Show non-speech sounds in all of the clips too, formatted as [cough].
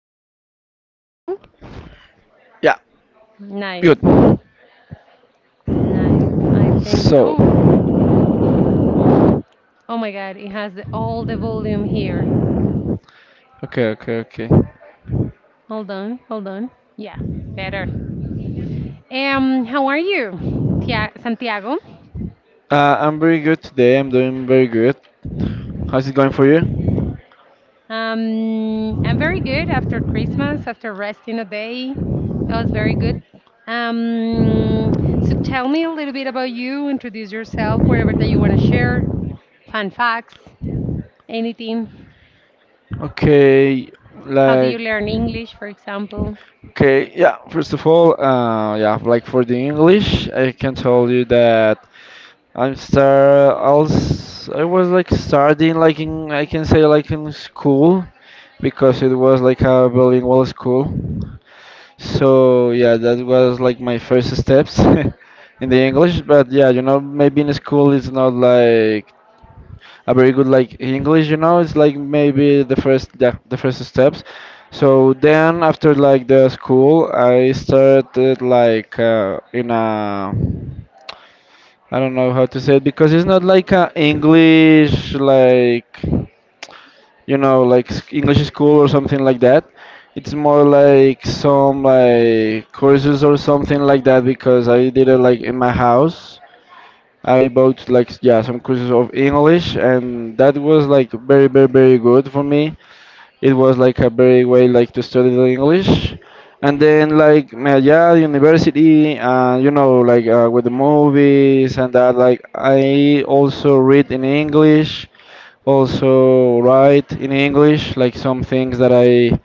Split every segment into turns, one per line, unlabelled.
here. Can you hear me well?
Yeah,
Nice,
good.
nice. I think,
So,
oh, oh my God, it has all the volume here.
okay, okay, okay.
Hold on, hold on. Yeah, better. How are you, Santiago?
I'm very good today. I'm doing very good. How's it going for you?
I'm very good after Christmas, after resting a day. That was very good. Um, so tell me a little bit about you, introduce yourself, wherever that you want to share, fun facts, anything.
Okay,
How do you
like,
learn English, for example?
okay, yeah. First of all, yeah, like for the English, I can tell you that I was like starting like in, I can say like in school, because it was like a bilingual school. So yeah, that was like my first steps [laughs] in the English. But yeah, maybe in school it's not like a very good like English. It's like maybe the first, yeah, the first steps. So then after like the school, I started like in a, I don't know how to say it because it's not like a English like like English school or something like that. It's more like some like courses or something like that because I did it like in my house. I bought like yeah some courses of English and that was like very very very good for me, it was like a very way like to study the English. And then like yeah, university, you know, like with the movies and that. Like I also read in English, also write in English. Like some things that I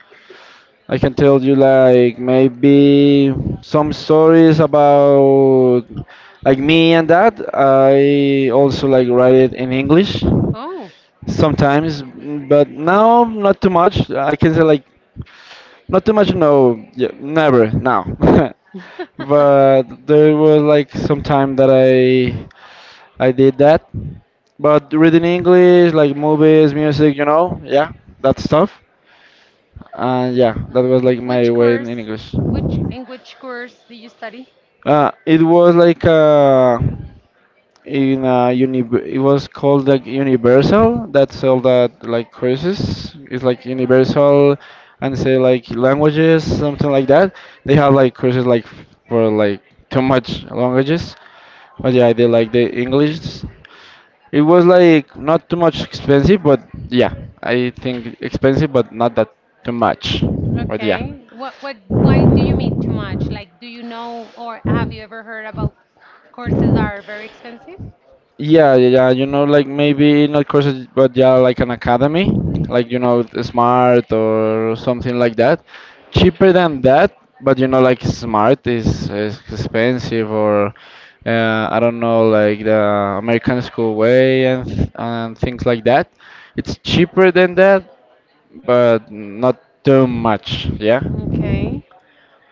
I can tell you, like maybe some stories about like me and that. I also like write it in English
Oh.
sometimes, but now not too much. I can say like not too much, no, yeah, never, now. [laughs] But there was like some time that I
[laughs]
I did that. But reading English, like movies, music, yeah, that stuff. And yeah, that was like my
Which
way in
course?
English.
Which, in which course do you study?
It was like in a uni it was called like universal that sell that like courses, it's like universal and say like languages, something like that. They have like courses like for like too much languages, but yeah I did like the english. It was like not too much expensive, but yeah I think expensive but not that too much, but yeah.
Okay. What why do you mean too much? Like, do you know, or have you ever heard about courses that are very expensive?
Yeah, yeah, yeah. Like maybe not courses, but yeah, like an academy, like the smart or something like that. Cheaper than that, but like smart is expensive, or I don't know, like the American school way and and things like that. It's cheaper than that, but not too much. Yeah,
Okay.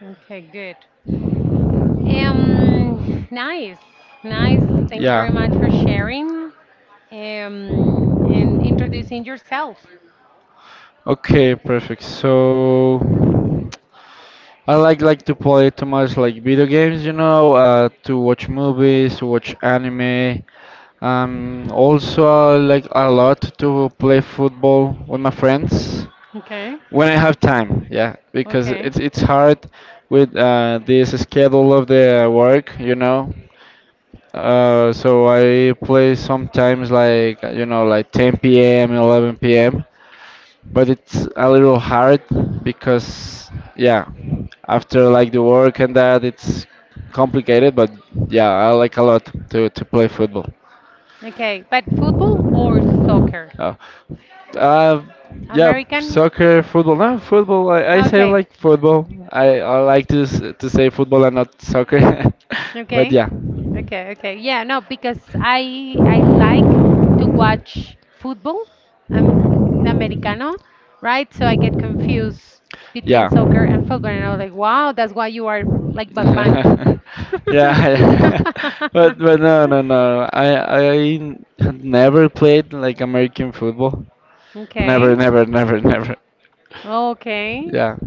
Okay, good. Um, nice. Nice. Thank you
yeah.
very much for sharing and introducing yourself.
Okay, perfect. So. I like to play too much like video games, to watch movies, to watch anime. Also I like a lot to play football with my friends
Okay.
when I have time. Yeah, because
Okay.
it's hard with this schedule of the work. So I play sometimes like like 10 p.m., 11 p.m., but it's a little hard because yeah after like the work and that it's complicated, but yeah I like a lot to play football.
Okay. But football or soccer?
uh, uh, yeah,
American?
soccer, football, no, football. I say
Okay,
like football. I like to, to say football and not soccer. [laughs] But
okay.
yeah.
Okay, okay. Yeah, no, because I like to watch football. Um, am Americano, right? So I get confused between
Yeah.
soccer and football and I was like, "Wow, that's why you are like Batman."
[laughs]
[laughs]
Yeah, [laughs] but no, no, no. I had never played like American football. Never,
Okay.
never, never, [laughs] never.
Okay.
Yeah,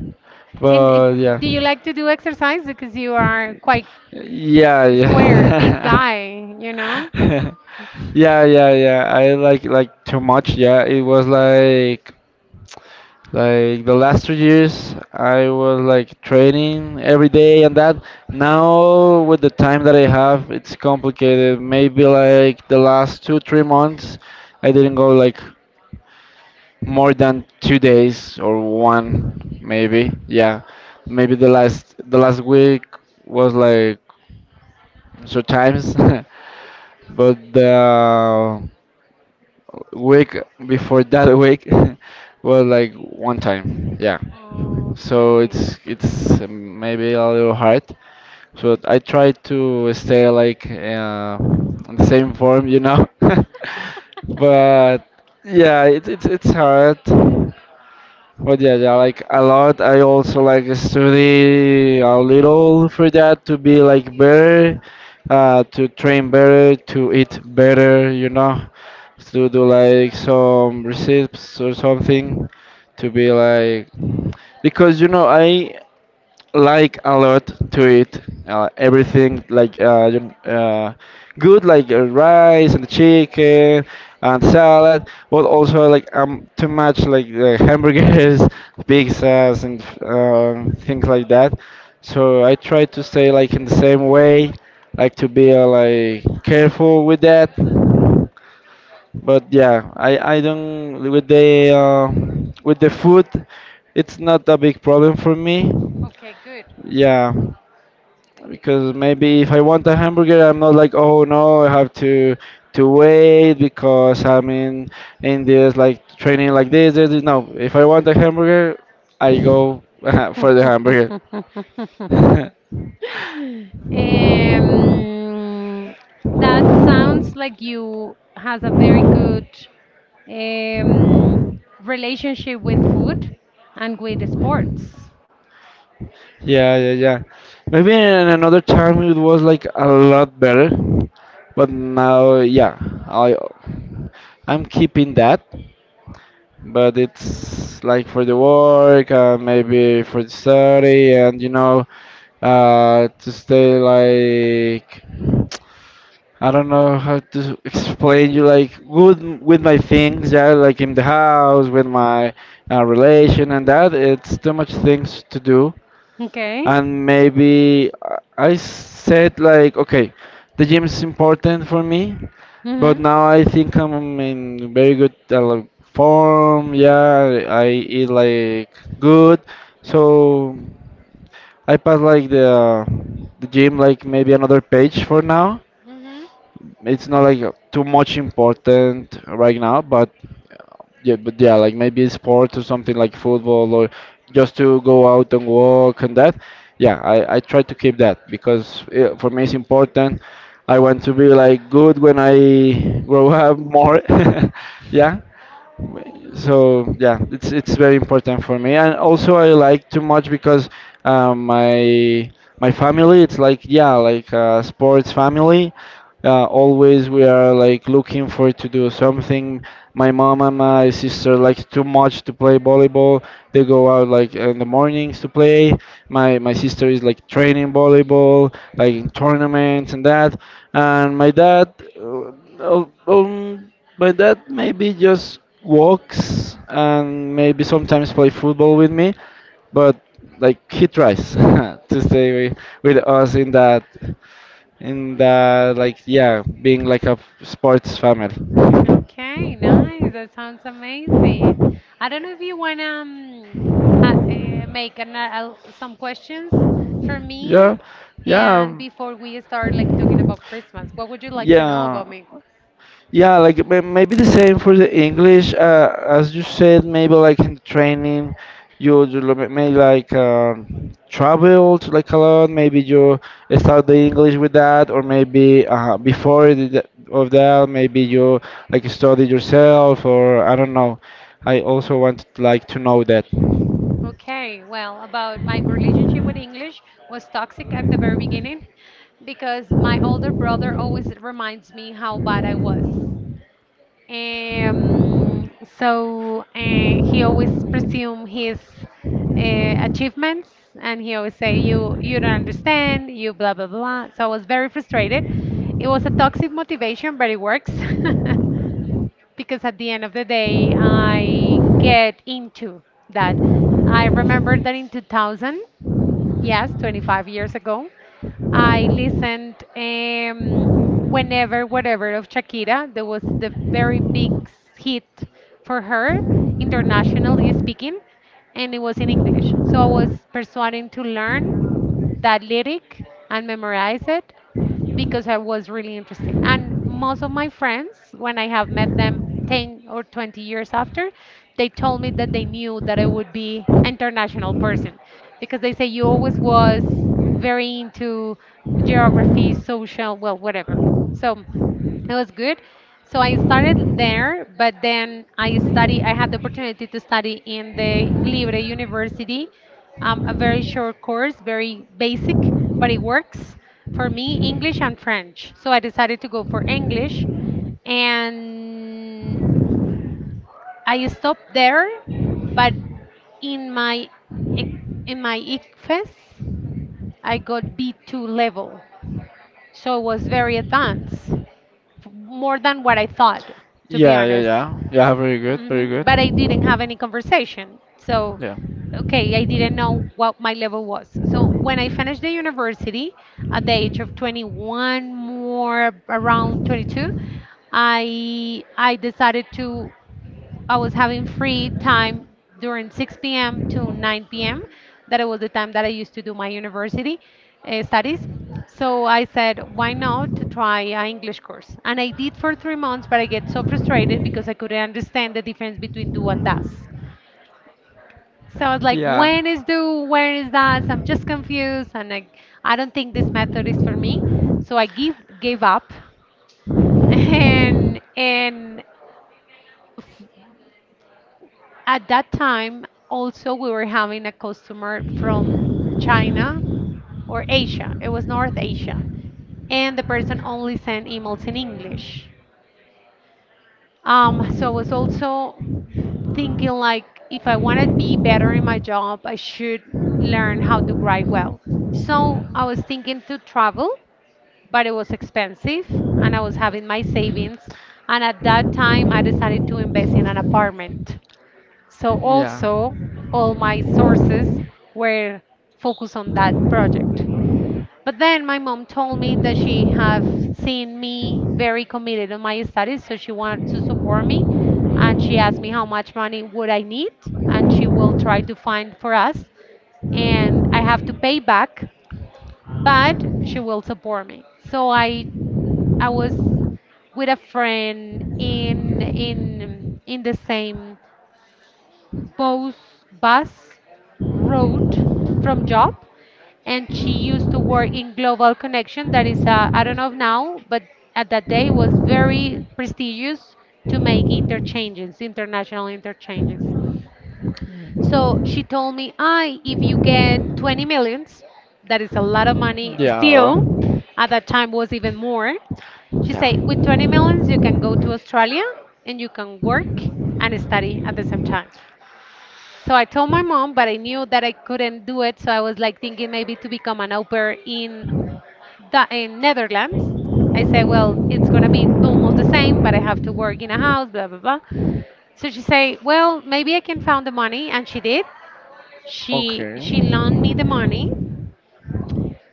And it,
but yeah.
do you like to do exercise because you are quite
Yeah,
squared, big
yeah.
guy, you know?
[laughs] Yeah, yeah, yeah. I like too much. Yeah, it was like the last 2 years, I was like training every day and that. Now, with the time that I have, it's complicated. Maybe like the last two, 3 months, I didn't go like more than 2 days or one, maybe. Yeah, maybe the last week was like 2 times, [laughs] but the week before that week [laughs] was like one time. Yeah. So
Okay.
it's maybe a little hard. So I try to stay like on the same form. [laughs] But
[laughs]
yeah, it's hard. But yeah, yeah, like a lot. I also like study a little for that to be like better, to train better, to eat better, to do like some recipes or something, to be like because I like a lot to eat everything like good like rice and chicken and salad, but also like too much like hamburgers [laughs] pizzas and things like that. So I try to stay like in the same way, like to be like careful with that. But yeah i don't with the food. It's not a big problem for me.
Okay, good.
Yeah, because maybe if I want a hamburger, I'm not like, oh no, I have to wait because I'm in this like training like this, this, this. No, if I want a hamburger, I go
[laughs]
[laughs] for the hamburger.
Um,
[laughs]
that sounds like you has a very good, um, relationship with food and with sports.
Yeah, yeah, yeah. Maybe in another time it was like a lot better, but now, yeah, I I'm keeping that, but it's like for the work and maybe for the study and to stay like, I don't know how to explain you, like good with my things. Yeah, like in the house with my relation and that, it's too much things to do.
Okay.
And maybe I said like okay, the gym is important for me, but
Mm-hmm.
now I think I'm in very good like, form. Yeah, I eat like good, so I passed like the gym, like maybe another page for now.
hmm
It's not like too much important right now, but uh, yeah, but yeah, like maybe sport or something like football, or just to go out and walk and that. Yeah, I try to keep that because yeah, for me it's important. I want to be like good when I [laughs] grow up more. [laughs] Yeah, so yeah it's very important for me. And also I like too much because um, my my family it's like yeah like a sports family. Always we are like looking for to do something. My mom and my sister like too much to play volleyball, they go out like in the mornings to play. My sister is like training volleyball like in tournaments and that. And my dad uh, uh, um, but that maybe just walks, and maybe sometimes play football with me. But like he tries [laughs] to stay with us in that like yeah, being like a sports family.
Okay,
[laughs]
nice. That sounds amazing. I don't know if you want to, ha make an, some questions for
Yeah.
me.
Yeah.
And before we start like talking
um,
about Christmas, what would you like to know
Yeah.
about me?
Yeah, like maybe the same for the English, as you said. Maybe like in the training, you may like traveled like a lot. Maybe you start the English with that, or maybe before the of that, maybe you like study yourself, or I don't know. I also want like to know that.
Okay, well, about my relationship with English was toxic at the very beginning because my older brother always reminds me how bad I was. Um, he always presume his achievements, and he always say, You don't understand. You blah blah blah." So I was very frustrated. It was a toxic motivation, but it works [laughs] because at the end of the day, I get into that. I remember that in 2000. Yes, 25 years ago. I listened whenever, whatever of Shakira. That was the very big hit for her, internationally speaking, and it was in English. So I was persuading to learn that lyric and memorize it because I was really interested. And most of my friends, when I have met them 10 or 20 years after, they told me that they knew that I would be international person because they say you always was very into geography, social, well, whatever. So it was good. So I started there, but then I had the opportunity to study in the libre university, a very short course, very basic, but it works for me, english and french, so I decided to go for english, and I stopped there. But in my ec- in my ICFES, I got B2 level, so it was very advanced, more than what I thought, to be
Yeah, yeah,
honest.
yeah, yeah. Very good, very good.
But I didn't have any conversation. So,
Yeah.
okay, I didn't know what my level was. So, when I finished the university at the age of 21, more around 22, I decided to, I was having free time during 6 p.m. to 9 p.m. That it was the time that I used to do my university studies. So I said, why not to try an English course? And I did for 3 months, but I get so frustrated because I couldn't understand the difference between do and does. So I was like,
Yeah.
when is do, where is does? I'm just confused, and I don't think this method is for me. So I give gave up, [laughs] and at that time, also, we were having a customer from China or Asia. It was North Asia. And the person only sent emails in English. So I was also thinking like if I want to be better in my job, I should learn how to write well. So I was thinking to travel, but it was expensive and I was having my savings. And at that time, I decided to invest in an apartment. So
Yeah.
also all my sources were focused on that project. But then my mom told me that she have seen me very committed on my studies, so she wanted to support me, and she asked me how much money would I need, and she will try to find for us and I have to pay back, but she will support me. So I was with a friend in in the same bus, bus route from job, and she used to work in global connection that is I don't know now, but at that day was very prestigious to make interchanges, international interchanges. So she told me, I if you get 20 millions, that is a lot of money
Yeah.
still, at that time was even more. She said with 20
Yeah.
millions you can go to australia and you can work and study at the same time. So I told my mom, but I knew that I couldn't do it. So I was like thinking maybe to become an au pair in the in Netherlands. I said, well, it's gonna be almost the same, but I have to work in a house, blah blah blah. So she said, well, maybe I can find the money, and she did. She
Okay.
she loaned me the money,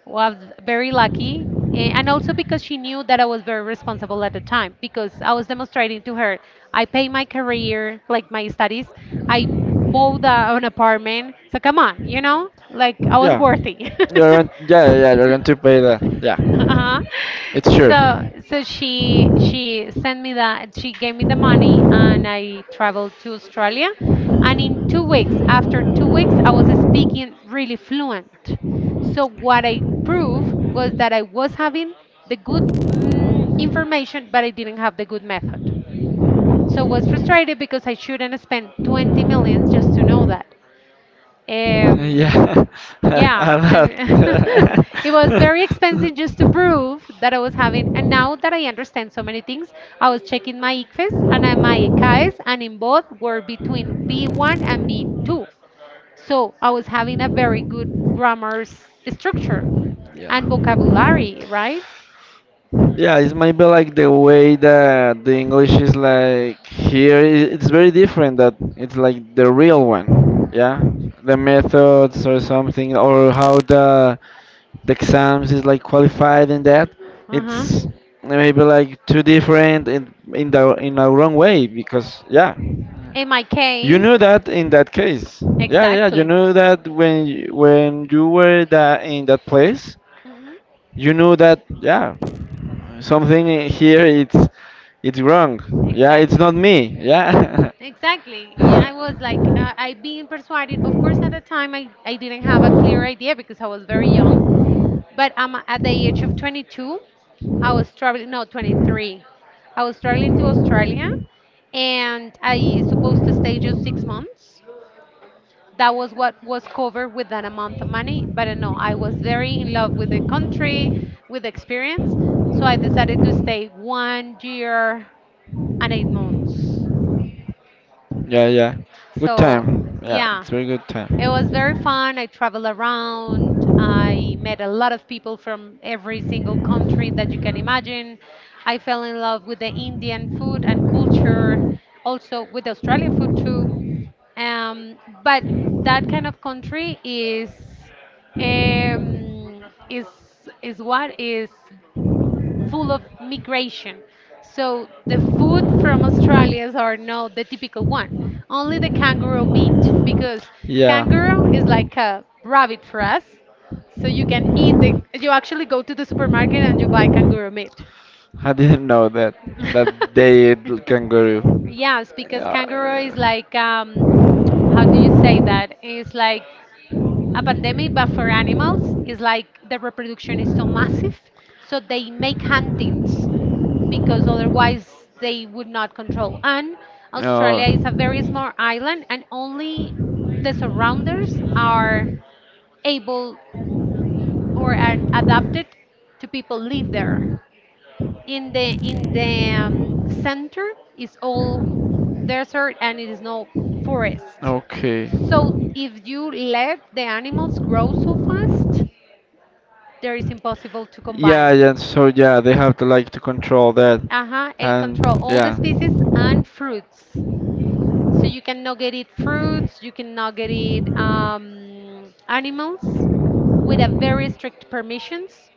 was very lucky, eh, and also because she knew that I was very responsible at the time because I was demonstrating to her. I pay my career, like my studies, I bought an apartment, so come on, you know, like I was
Yeah, yeah,
worthy. [laughs]
you're going. Yeah, yeah, yeah. You're going to pay that. Yeah,
Uh-huh.
it's sure.
So she sent me, that she gave me the money, and I traveled to Australia, and in 2 weeks, after 2 weeks, I was speaking really fluent. So what I proved was that I was having the good, mm, information, but I didn't have the good method. So I was frustrated because I shouldn't spend 20
Uh,
millions just to know that. Um,
Yeah, [laughs]
yeah,
a
and
lot.
[laughs] it was very expensive just to prove that I was having. And now that I understand so many things, I was checking my ICFES and my ECAES, and in both were between B1 and B2. So I was having a very good grammar structure
[laughs] Yeah.
and vocabulary, right?
Yeah, it's maybe like the way that the English is like here. It's very different. That it's like the real one. Yeah, the methods or something, or how the exams is like qualified in that.
Uh
It's maybe like too different in a wrong way
huh.
because yeah,
In my
you
case,
knew that in that case. Yeah, yeah, you
exactly.
knew that when you were that in that place,
hmm
you knew that. Yeah, something here it's wrong, yeah, it's
Exactly.
not me, yeah.
Exactly. Yeah, I was like, I being persuaded. Of course, at the time, I didn't have a clear idea because I was very young. But at the age of 22, I was traveling, no, 23. I was traveling to Australia and I supposed to stay just 6 months. That was what was covered with that amount of money. But no, I was very in love with the country, with the experience. So I decided to stay 1 year and 8 months.
Yeah, yeah. Good
So
time. Yeah,
yeah,
it's very good
it was
time.
very fun. I traveled around. I met a lot of people from every single country that you can imagine. I fell in love with the Indian food and culture, also with the Australian food too. Um, but that kind of country is, um, is is what is full of migration. So the food from Australia are not the typical one. Only the kangaroo meat, because
Yeah.
kangaroo is like a rabbit for us. So you can eat the. You actually go to the supermarket and you buy kangaroo meat.
I didn't know that that they
[laughs]
eat kangaroo.
Yes, because
Yeah,
kangaroo is
yeah.
like, how do you say that? It's like a pandemic, but for animals, it's like the reproduction is so massive, so they make huntings because otherwise they would not control. And
Oh.
Australia is a very small island, and only the surrounders are able or are adapted to people live there. In the center is all desert and it is no forest,
Okay.
so if you let the animals grow so fast, there is impossible to
Yeah,
combine.
yeah. So yeah, they have to like to control that,
Uh-huh. It
and
control all the
yeah.
species and fruits, so you cannot get it fruits, you cannot get it animals, with a very strict permissions,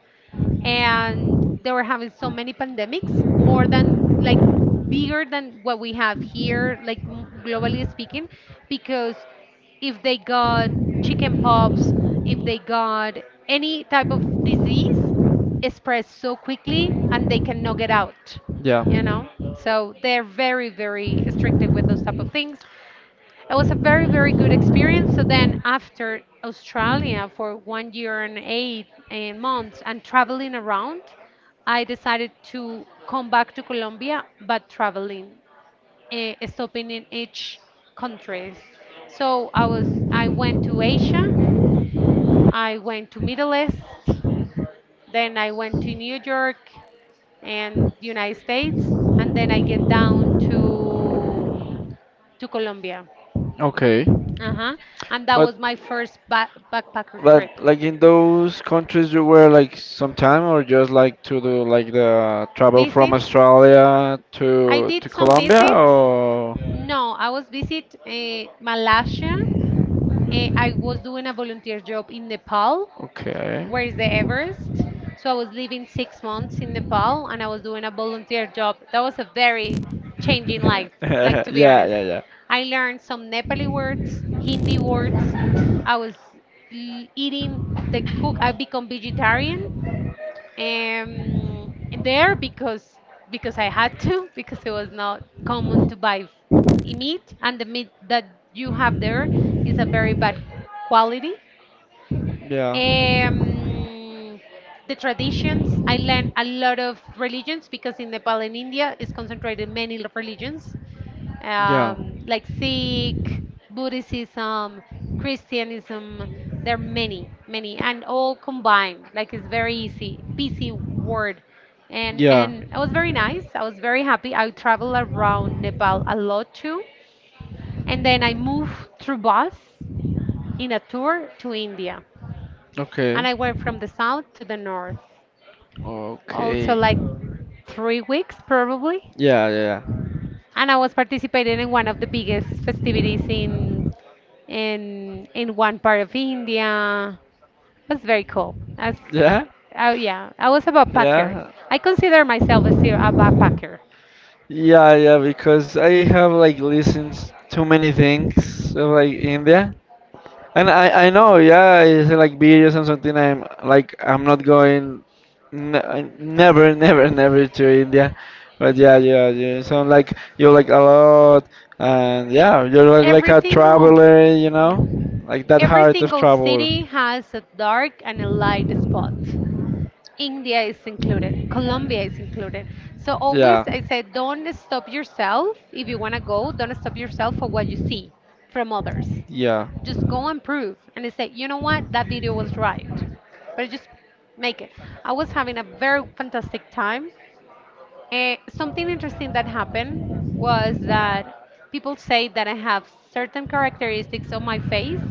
and they were having so many pandemics, more than like, bigger than what we have here, like globally speaking, because if they got chicken pops, if they got any type of disease, it spreads so quickly and they cannot get out,
Yeah.
you know. So they're very, very strict with those type of things. It was a very, very good experience. So then after Australia for 1 year and eight eh, months and traveling around, I decided to come back to Colombia, but traveling, eh, stopping in each countries. So I went to Asia, I went to Middle East, then I went to New York and United States, and then I get down to Colombia.
Okay.
Uh-huh. And that
But
was my first ba backpacker
but
trip.
like in those countries you were like some time, or just like to do like the travel from
Visits.
Australia
I
to
did some
Colombia,
visits.
or...
No, I was visit Malaysia. I was doing a volunteer job in Nepal,
Okay.
where is the Everest. So I was
[laughs]
living 6 months in Nepal, and I was doing a volunteer job. That was a very changing life. Like
Yeah,
to be honest,
yeah, yeah.
I learned some Nepali words, Hindi words. I was eating the cook. I become vegetarian um, there because I had to [laughs] because it was not common to buy meat, and the meat that you have there is a very bad quality.
Yeah.
Um, the traditions, I learned a lot of religions because in Nepal and India is concentrated many religions,
Yeah.
like Sikh, Buddhism, Christianism. There are many, many, and all combined. Like it's very easy, PC word, and
Yeah.
and it was very nice. I was very happy. I travel around Nepal a lot too, and then I moved through bus in a tour to India, and
Okay.
I went from the south to the north. Also
Okay.
like 3 weeks probably.
Yeah, yeah, yeah.
And I was participating in one of the biggest festivities in in one part of India. It was very cool. As
Yeah?
yeah, I was a backpacker.
Yeah.
I consider myself as a backpacker.
Yeah, yeah, because I have like listened too many things of like India. And I know, yeah, it's like videos and something. I'm like, I'm not going, n never, [laughs] never, never to India. But yeah, yeah, you sound like you like a lot, and yeah, you're like
Every
a
single
traveler,
mm,
like that
every
heart of
single
travel.
city has a dark and a light spot. India is included. Colombia is included. So always
Yeah.
I say don't stop yourself. If you want to go, don't stop yourself for what you see from others.
Yeah.
Just go and prove, and they say, you know what, that video was right. But just make it. I was having a very fantastic time. And something interesting that happened was that people say that I have certain characteristics on my face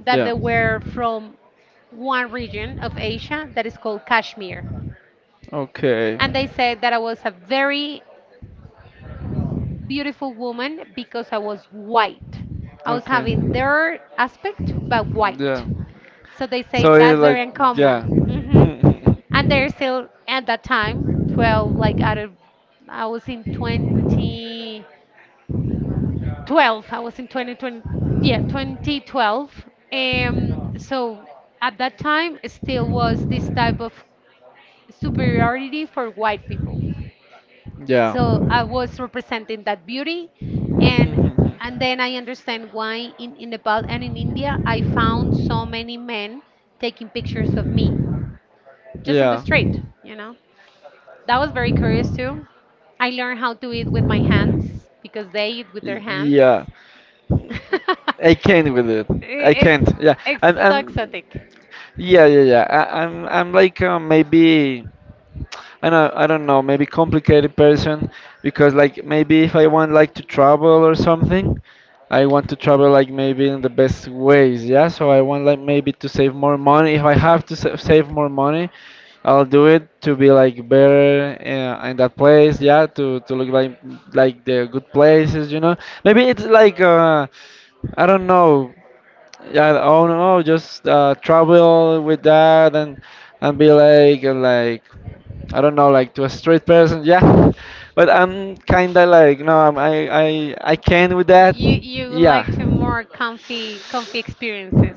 that
Yeah.
they were from one region of Asia that is called Kashmir.
Okay.
And they said that I was a very beautiful woman because I was white. I was
Okay.
having their aspect, but
Yeah.
white. So they say
So it's
that's very
like, yeah.
uncommon. Hmm. And they're still at that time, 12, like out of, I was in 2012, I was in 2020, yeah, 2012. So at that time, it still was this type of superiority
[laughs]
for white people.
Yeah.
So I was
[laughs]
representing that beauty, and and then I understand why in Nepal and in India I found so many men taking pictures of me just on the
Yeah.
street, you know. That was very curious too. I learned how to eat with my hands because they eat with their hands.
Yeah.
[laughs] I-
I can't with it. I
it's
can't. Yeah.
it's
I'm.
so
I'm.
exotic.
Yeah. Yeah. Yeah. I, I'm. I'm like maybe. I don't know, maybe complicated person. Because like maybe if I want like to travel or something, I want to travel like maybe in the best ways, yeah? So I want like maybe to save more money. If I have to save more money, I'll do it to be like better in that place, yeah, to look like the good places, you know. Maybe it's like I don't know. Yeah, oh no, just travel with that and be like I don't know, like to a straight person, yeah. [laughs] But I'm kinda like, no, I can with that.
You
Yeah.
like to more comfy experiences.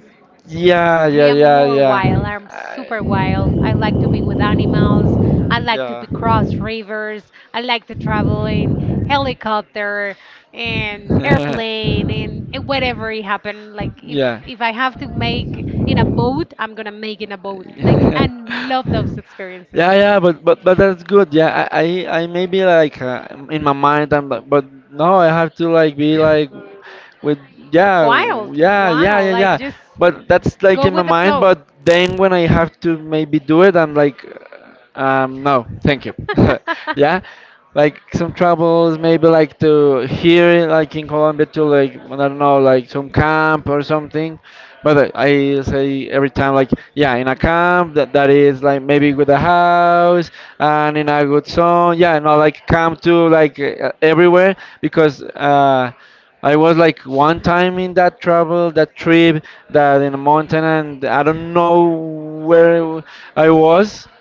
I
Yeah,
yeah,
yeah,
am yeah,
yeah,
more yeah,
yeah.
wild. I'm
I,
super wild. I like to be with animals. I like to
yeah.
be cross rivers. I like to travel in helicopter and airplane and whatever it happened. Like if Yeah. If I have to make in a boat, I'm gonna make in a boat.
[laughs]
Like I
yeah.
love those
[laughs]
experiences
Yeah, yeah, but that's good. Yeah, I maybe like in my mind I'm like, but no, I have to like be like with yeah,
wild,
yeah, yeah, yeah, yeah.
like just
But that's like
go
in my
with the
mind.
flow.
But then when I have to maybe do it, I'm like, no, thank you. [laughs] Yeah, like some troubles maybe like to here like in Colombia to like I
[laughs]
don't know like some camp or something. But I say every time, like, yeah, in a camp that is like maybe with a house and in a good song. Yeah, no, like camp to like everywhere because I was like one time in that travel, that trip, that in a mountain, and I don't know where I was
[laughs]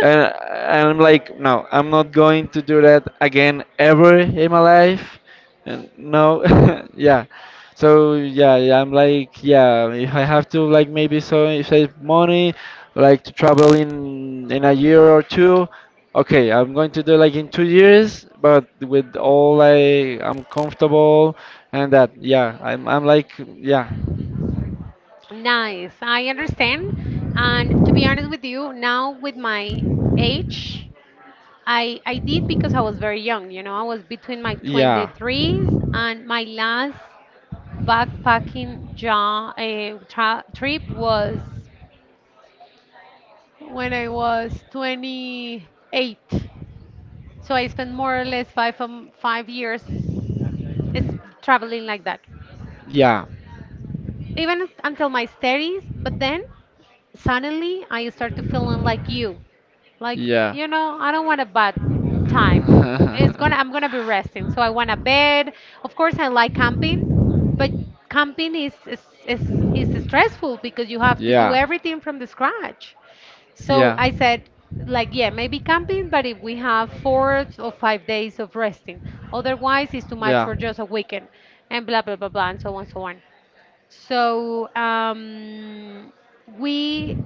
and I'm like, no, I'm not going to do that again ever in my life. And no, [laughs] yeah. So yeah, yeah, I'm like, yeah, if I have to like maybe so save money, like to travel in a year or two, okay, I'm going to do like in two years, but with all I'm comfortable and that, yeah, I'm like, yeah,
Nice. I understand. And to be honest with you, now with my age, I did because I was very young, you know. I was between my
yeah.
23s, and my last backpacking ja tra trip was when I was 28. So I
So
spent more or less five 5 years is traveling like that
yeah, like,
even until my 30s, but then suddenly I started feeling like you. Like,
yeah.
you know, I don't want a bad time. It's gonna I'm gonna be resting. So I want a bed. Of course I like camping, but
[laughs]
camping is stressful because you have to do
yeah,
everything from the scratch. So
yeah,
I said, like, yeah, maybe camping, but if we have 4 or 5 days of resting. Otherwise, it's too much
yeah,
for just a weekend, and blah, blah, blah, blah, and so on, so on. So we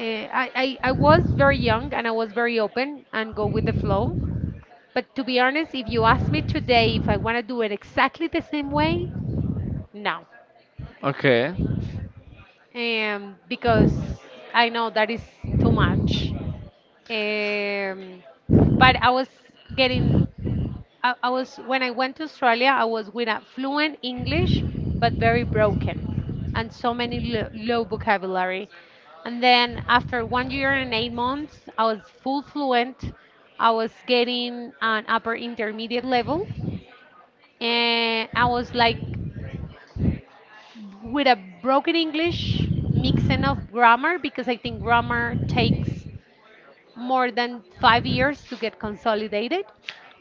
I was very young and I was very open and go with the flow. But to be honest, if you ask me today if I want to do it exactly the same way, no.
okay.
Because I know that is too much. Um, but I was getting I was when I went to Australia, I was with a fluent English, but very broken, and so many low vocabulary. And then after 1 year and 8 months, I was full fluent. I was getting an upper intermediate level, and I was like with a broken English mixing of grammar because I think grammar takes more than 5 years to get consolidated,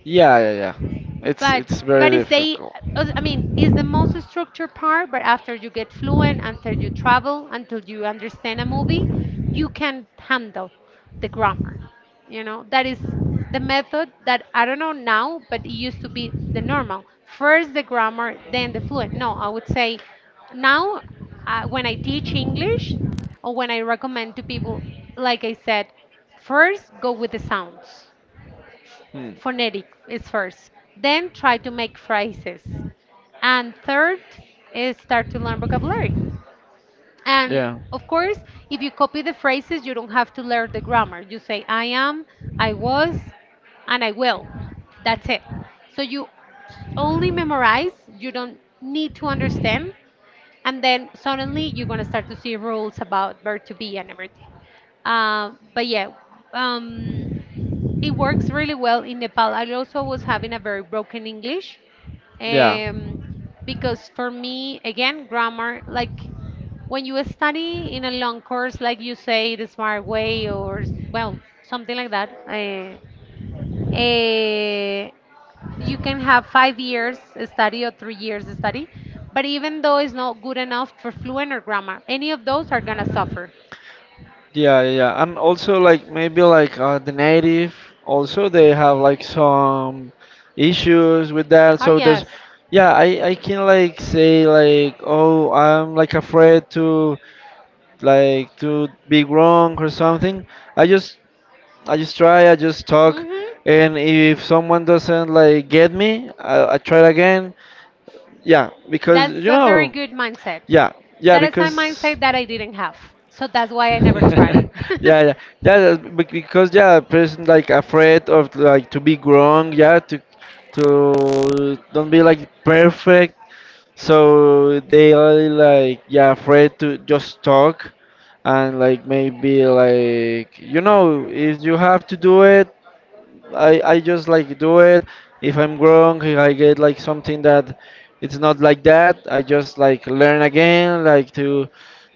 Yeah, yeah, yeah. It's
but
it's very
but is they
difficult.
is the most structured part. But after you get fluent, until you travel, until you understand a movie, you can handle the grammar. You know, that is the method that I don't know now, but it used to be the normal first the grammar, then the fluent. No, I would say now, when I teach English or when I recommend to people, like I said, first go with the sounds, phonetic is first. Then try to make phrases. And third is start to learn vocabulary. And of course, if you copy the phrases, you don't have to learn the grammar. You say, I am, I was, and I will. That's it. So you only memorize, you don't need to understand. And then suddenly you're going to start to see rules about verb to be and everything. But yeah, um, it works really well in Nepal. I also was having a very broken English, um, because for me, again, grammar, like when you study in a long course, like you say, the smart way or well, something like that, uh, you can have 5 years study or 3 years study, but even though it's not good enough for fluent or grammar, any of those are gonna suffer.
Yeah, yeah, yeah, and also like maybe like the native also they have like some issues with that.
Oh
So there's,
yes.
yeah, I can like say like oh I'm like afraid to like to be wrong or something. I just I just try, I just talk,
Mhm.
and if someone doesn't like get me, I try again. Yeah, because
That's
you
a very
know,
good mindset.
yeah, yeah,
That is a
because.
mindset that I didn't have, so that's
[laughs]
why I never tried.
yeah, yeah, yeah. Because yeah, a person like afraid of like to be wrong. Yeah, to don't be like perfect. So they are like yeah afraid to just talk, and like maybe like you know if you have to do it, I just like do it. If I'm wrong, if I get like something that it's not like that, I just like learn again, like to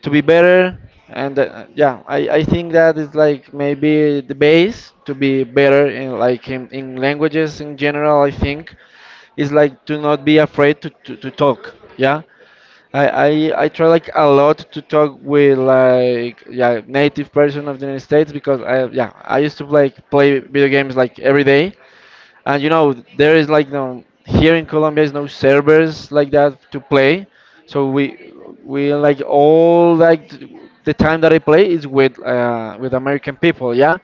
be better. And yeah, I think that is like maybe the base to be better in like in languages in general. I think is like to not be afraid to talk. Yeah. I, I try like a lot to talk with like yeah native person of the United States because I yeah I used to like play video games like every day, and you know there is like no here in Colombia is no servers like that to play, so we like all like the time that I play is with American people, yeah,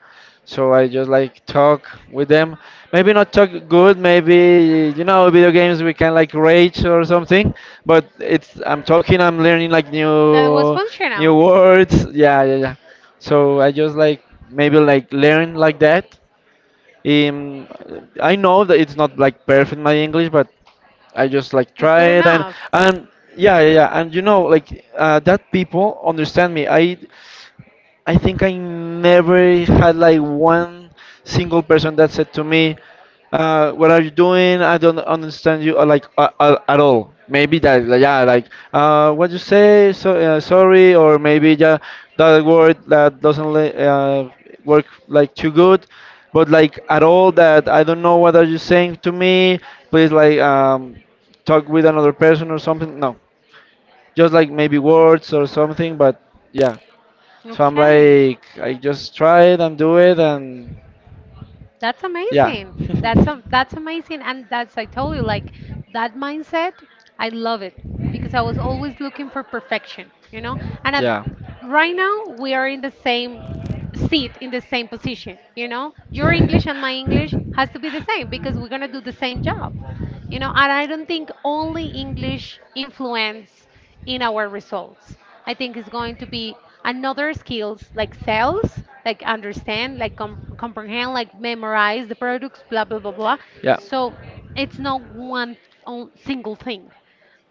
so
[laughs]
I just like talk with them, maybe not talk good, maybe you know video games we can like rage or something, but it's I'm talking I'm learning like
Was
new
functional.
new words, yeah, yeah, yeah, so I just like maybe like learn like that. um, I know that it's not like perfect my English, but I just like try it
Enough.
and yeah, yeah, yeah. And you know, like that people understand me. I think I never had like one single person that said to me, "What are you doing? I don't understand you," or like at all. Maybe that, like, yeah, like what you say, so sorry, or maybe yeah, that word that doesn't li- work like too good, but like at all that I don't know what are you saying to me. Please like talk with another person or something. No, just like maybe words or something, but yeah.
I'm
So I'm like, I just try it and do it, and
That's
yeah.
amazing. That's amazing, and that's I told you like that mindset. I love it because I was always looking for perfection, you know. And
[laughs]
at,
yeah.
right now we are in the same seat, in the same position, you know. Your English and my English has to be the same because we're gonna do the same job. You know, and I don't think only English influence in our results. I think it's going to be another skills, like sales, like
[laughs]
understand, like comprehend, like memorize the products, blah, blah, blah, blah. So it's not single thing.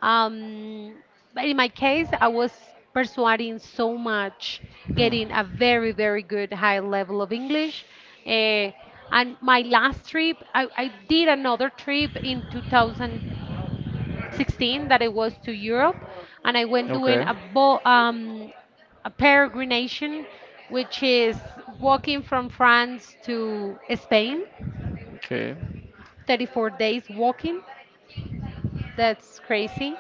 um, but in my case, I was persuading so much, getting a very, very good high level of English. Eh, and my last trip, I did another trip in 2016 that it was to Europe, and I went doing a bo a peregrination, which is walking from France to Spain,
Okay.
34 days walking. That's crazy.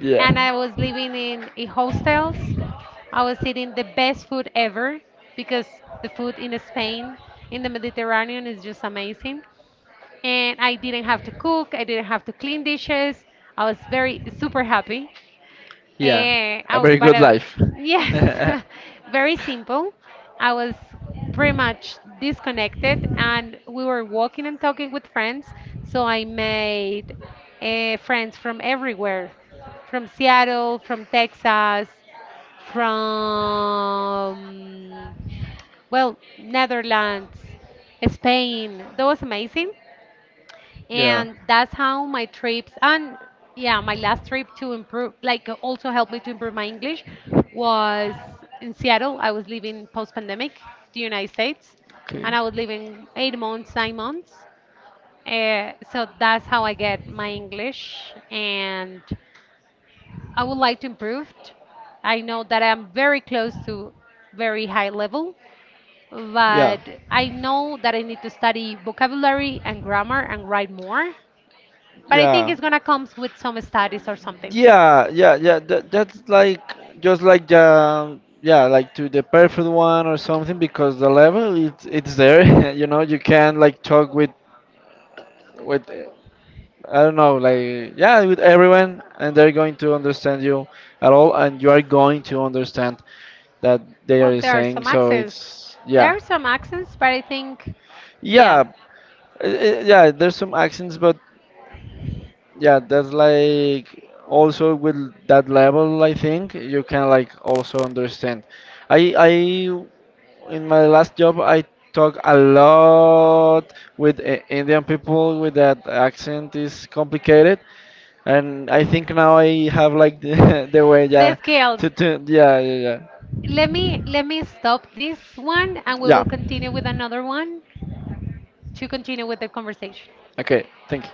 [laughs] yeah.
And I was living in hostels. I was eating the best food ever because the food in Spain, in the Mediterranean, is just amazing. And I didn't have to cook, I didn't have to clean dishes. I was very super happy.
Yeah,
Eh,
a
oh,
very
but
good life. [laughs]
Yes, [laughs] very simple. I was pretty much disconnected, and we were walking and talking with friends. So I made friends from everywhere, from Seattle, from Texas, from well, Netherlands, Spain. That was amazing.
Yeah.
And that's how my trips and yeah my last trip to improve, like also helped me to improve my English, was in Seattle. I was living post-pandemic the United States, and I was living 8 months, 9 months, so that's how I get my English. And I would like to improve it. I know that I'm very close to very high level, but I know that I need to study vocabulary and grammar and write more, but I think it's gonna come with some studies or something.
Yeah, yeah, yeah. That's like just like yeah, like to the perfect one or something because the level it's there. [laughs] You know, you can like talk with I don't know, like yeah, with everyone, and they're going to understand you at all, and you are going to understand that they
Well,
are
there are
saying.
some
So
accents.
it's
There
yeah,
are some accents, but I think,
yeah,
yeah.
yeah. There's some accents, but yeah, that's like also with that level, I think you can like also understand. I In my last job I talk a lot with I Indian people with that accent is complicated, and I think now I have like the, [laughs] the way
The
yeah to
scales.
yeah, yeah, yeah,
Let me stop this one, and we
yeah.
will continue with another one to continue with the conversation.
Okay, thank you.